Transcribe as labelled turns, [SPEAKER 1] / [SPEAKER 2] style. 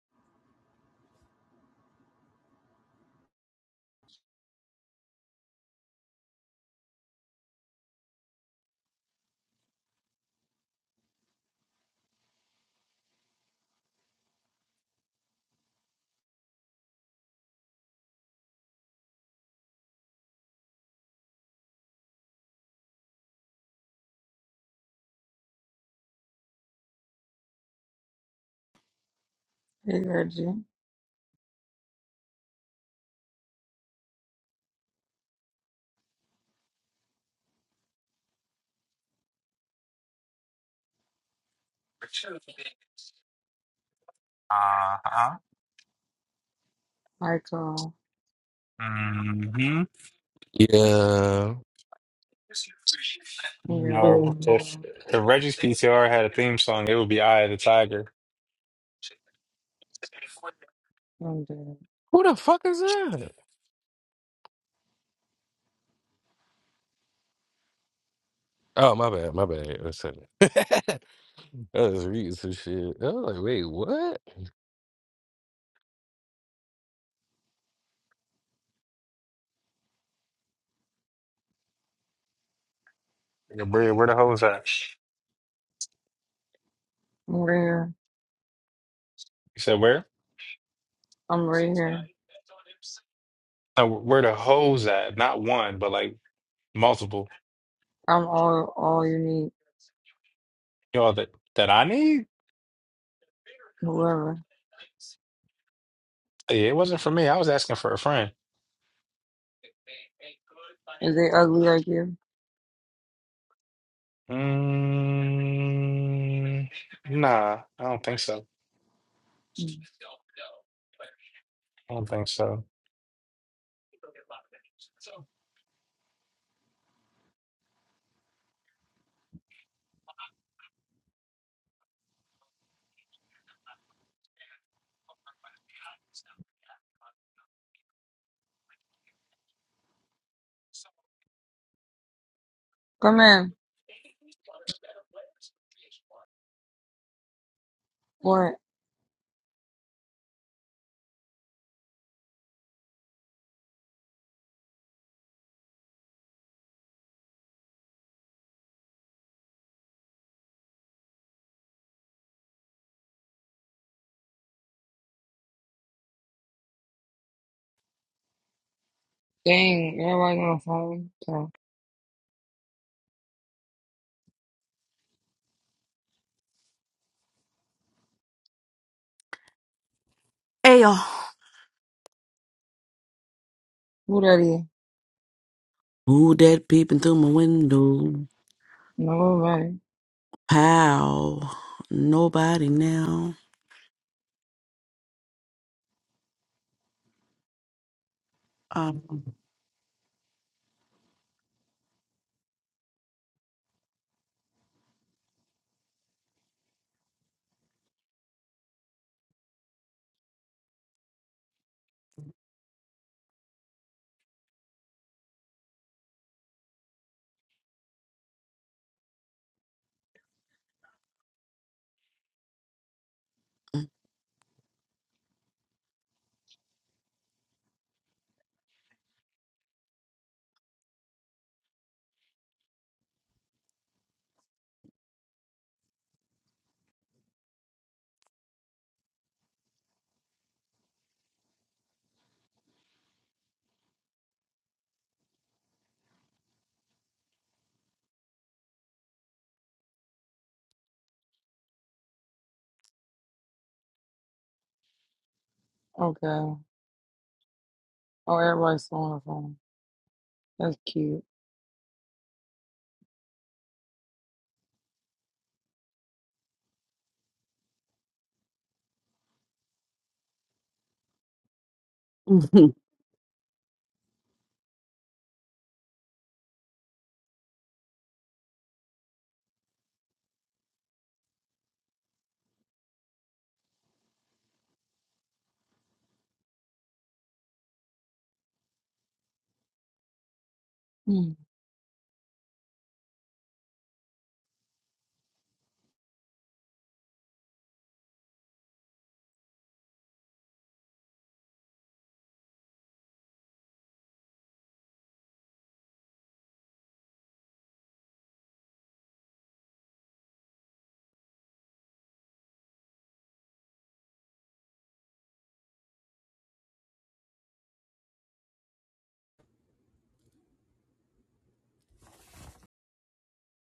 [SPEAKER 1] Hey, Reggie,
[SPEAKER 2] Uh-huh.
[SPEAKER 1] Michael,
[SPEAKER 2] hmm
[SPEAKER 3] Yeah. Oh,
[SPEAKER 2] No,
[SPEAKER 1] you,
[SPEAKER 2] if
[SPEAKER 1] you,
[SPEAKER 2] if Reggie's PTR had a theme song, it would be "Eye of the Tiger."
[SPEAKER 1] I'm dead.
[SPEAKER 3] Who the fuck is that? Oh, my bad, my bad. One second. I was reading some shit. I was like, wait, what?
[SPEAKER 2] Nigga, Where, where the hoes at?
[SPEAKER 1] I'm right here.
[SPEAKER 2] You said where?
[SPEAKER 1] I'm right here.
[SPEAKER 2] No, where the hoes at? Not one, but like multiple.
[SPEAKER 1] I'm all, all you need.
[SPEAKER 2] Yo, that that I need?
[SPEAKER 1] Whoever.
[SPEAKER 2] Yeah, it wasn't for me. I was asking for a friend.
[SPEAKER 1] Is they ugly like you?
[SPEAKER 2] Mm, nah, I don't think so.
[SPEAKER 1] Mm.
[SPEAKER 2] I don't think so.
[SPEAKER 1] Come in. What? Dang, everybody on the phone. Okay.
[SPEAKER 4] Ayo.
[SPEAKER 1] Who that is?
[SPEAKER 4] Who that peeping through my window?
[SPEAKER 1] Nobody.
[SPEAKER 4] How? Nobody now. Um,
[SPEAKER 1] Okay. Oh, everybody's still on the phone. That's cute. Hmm.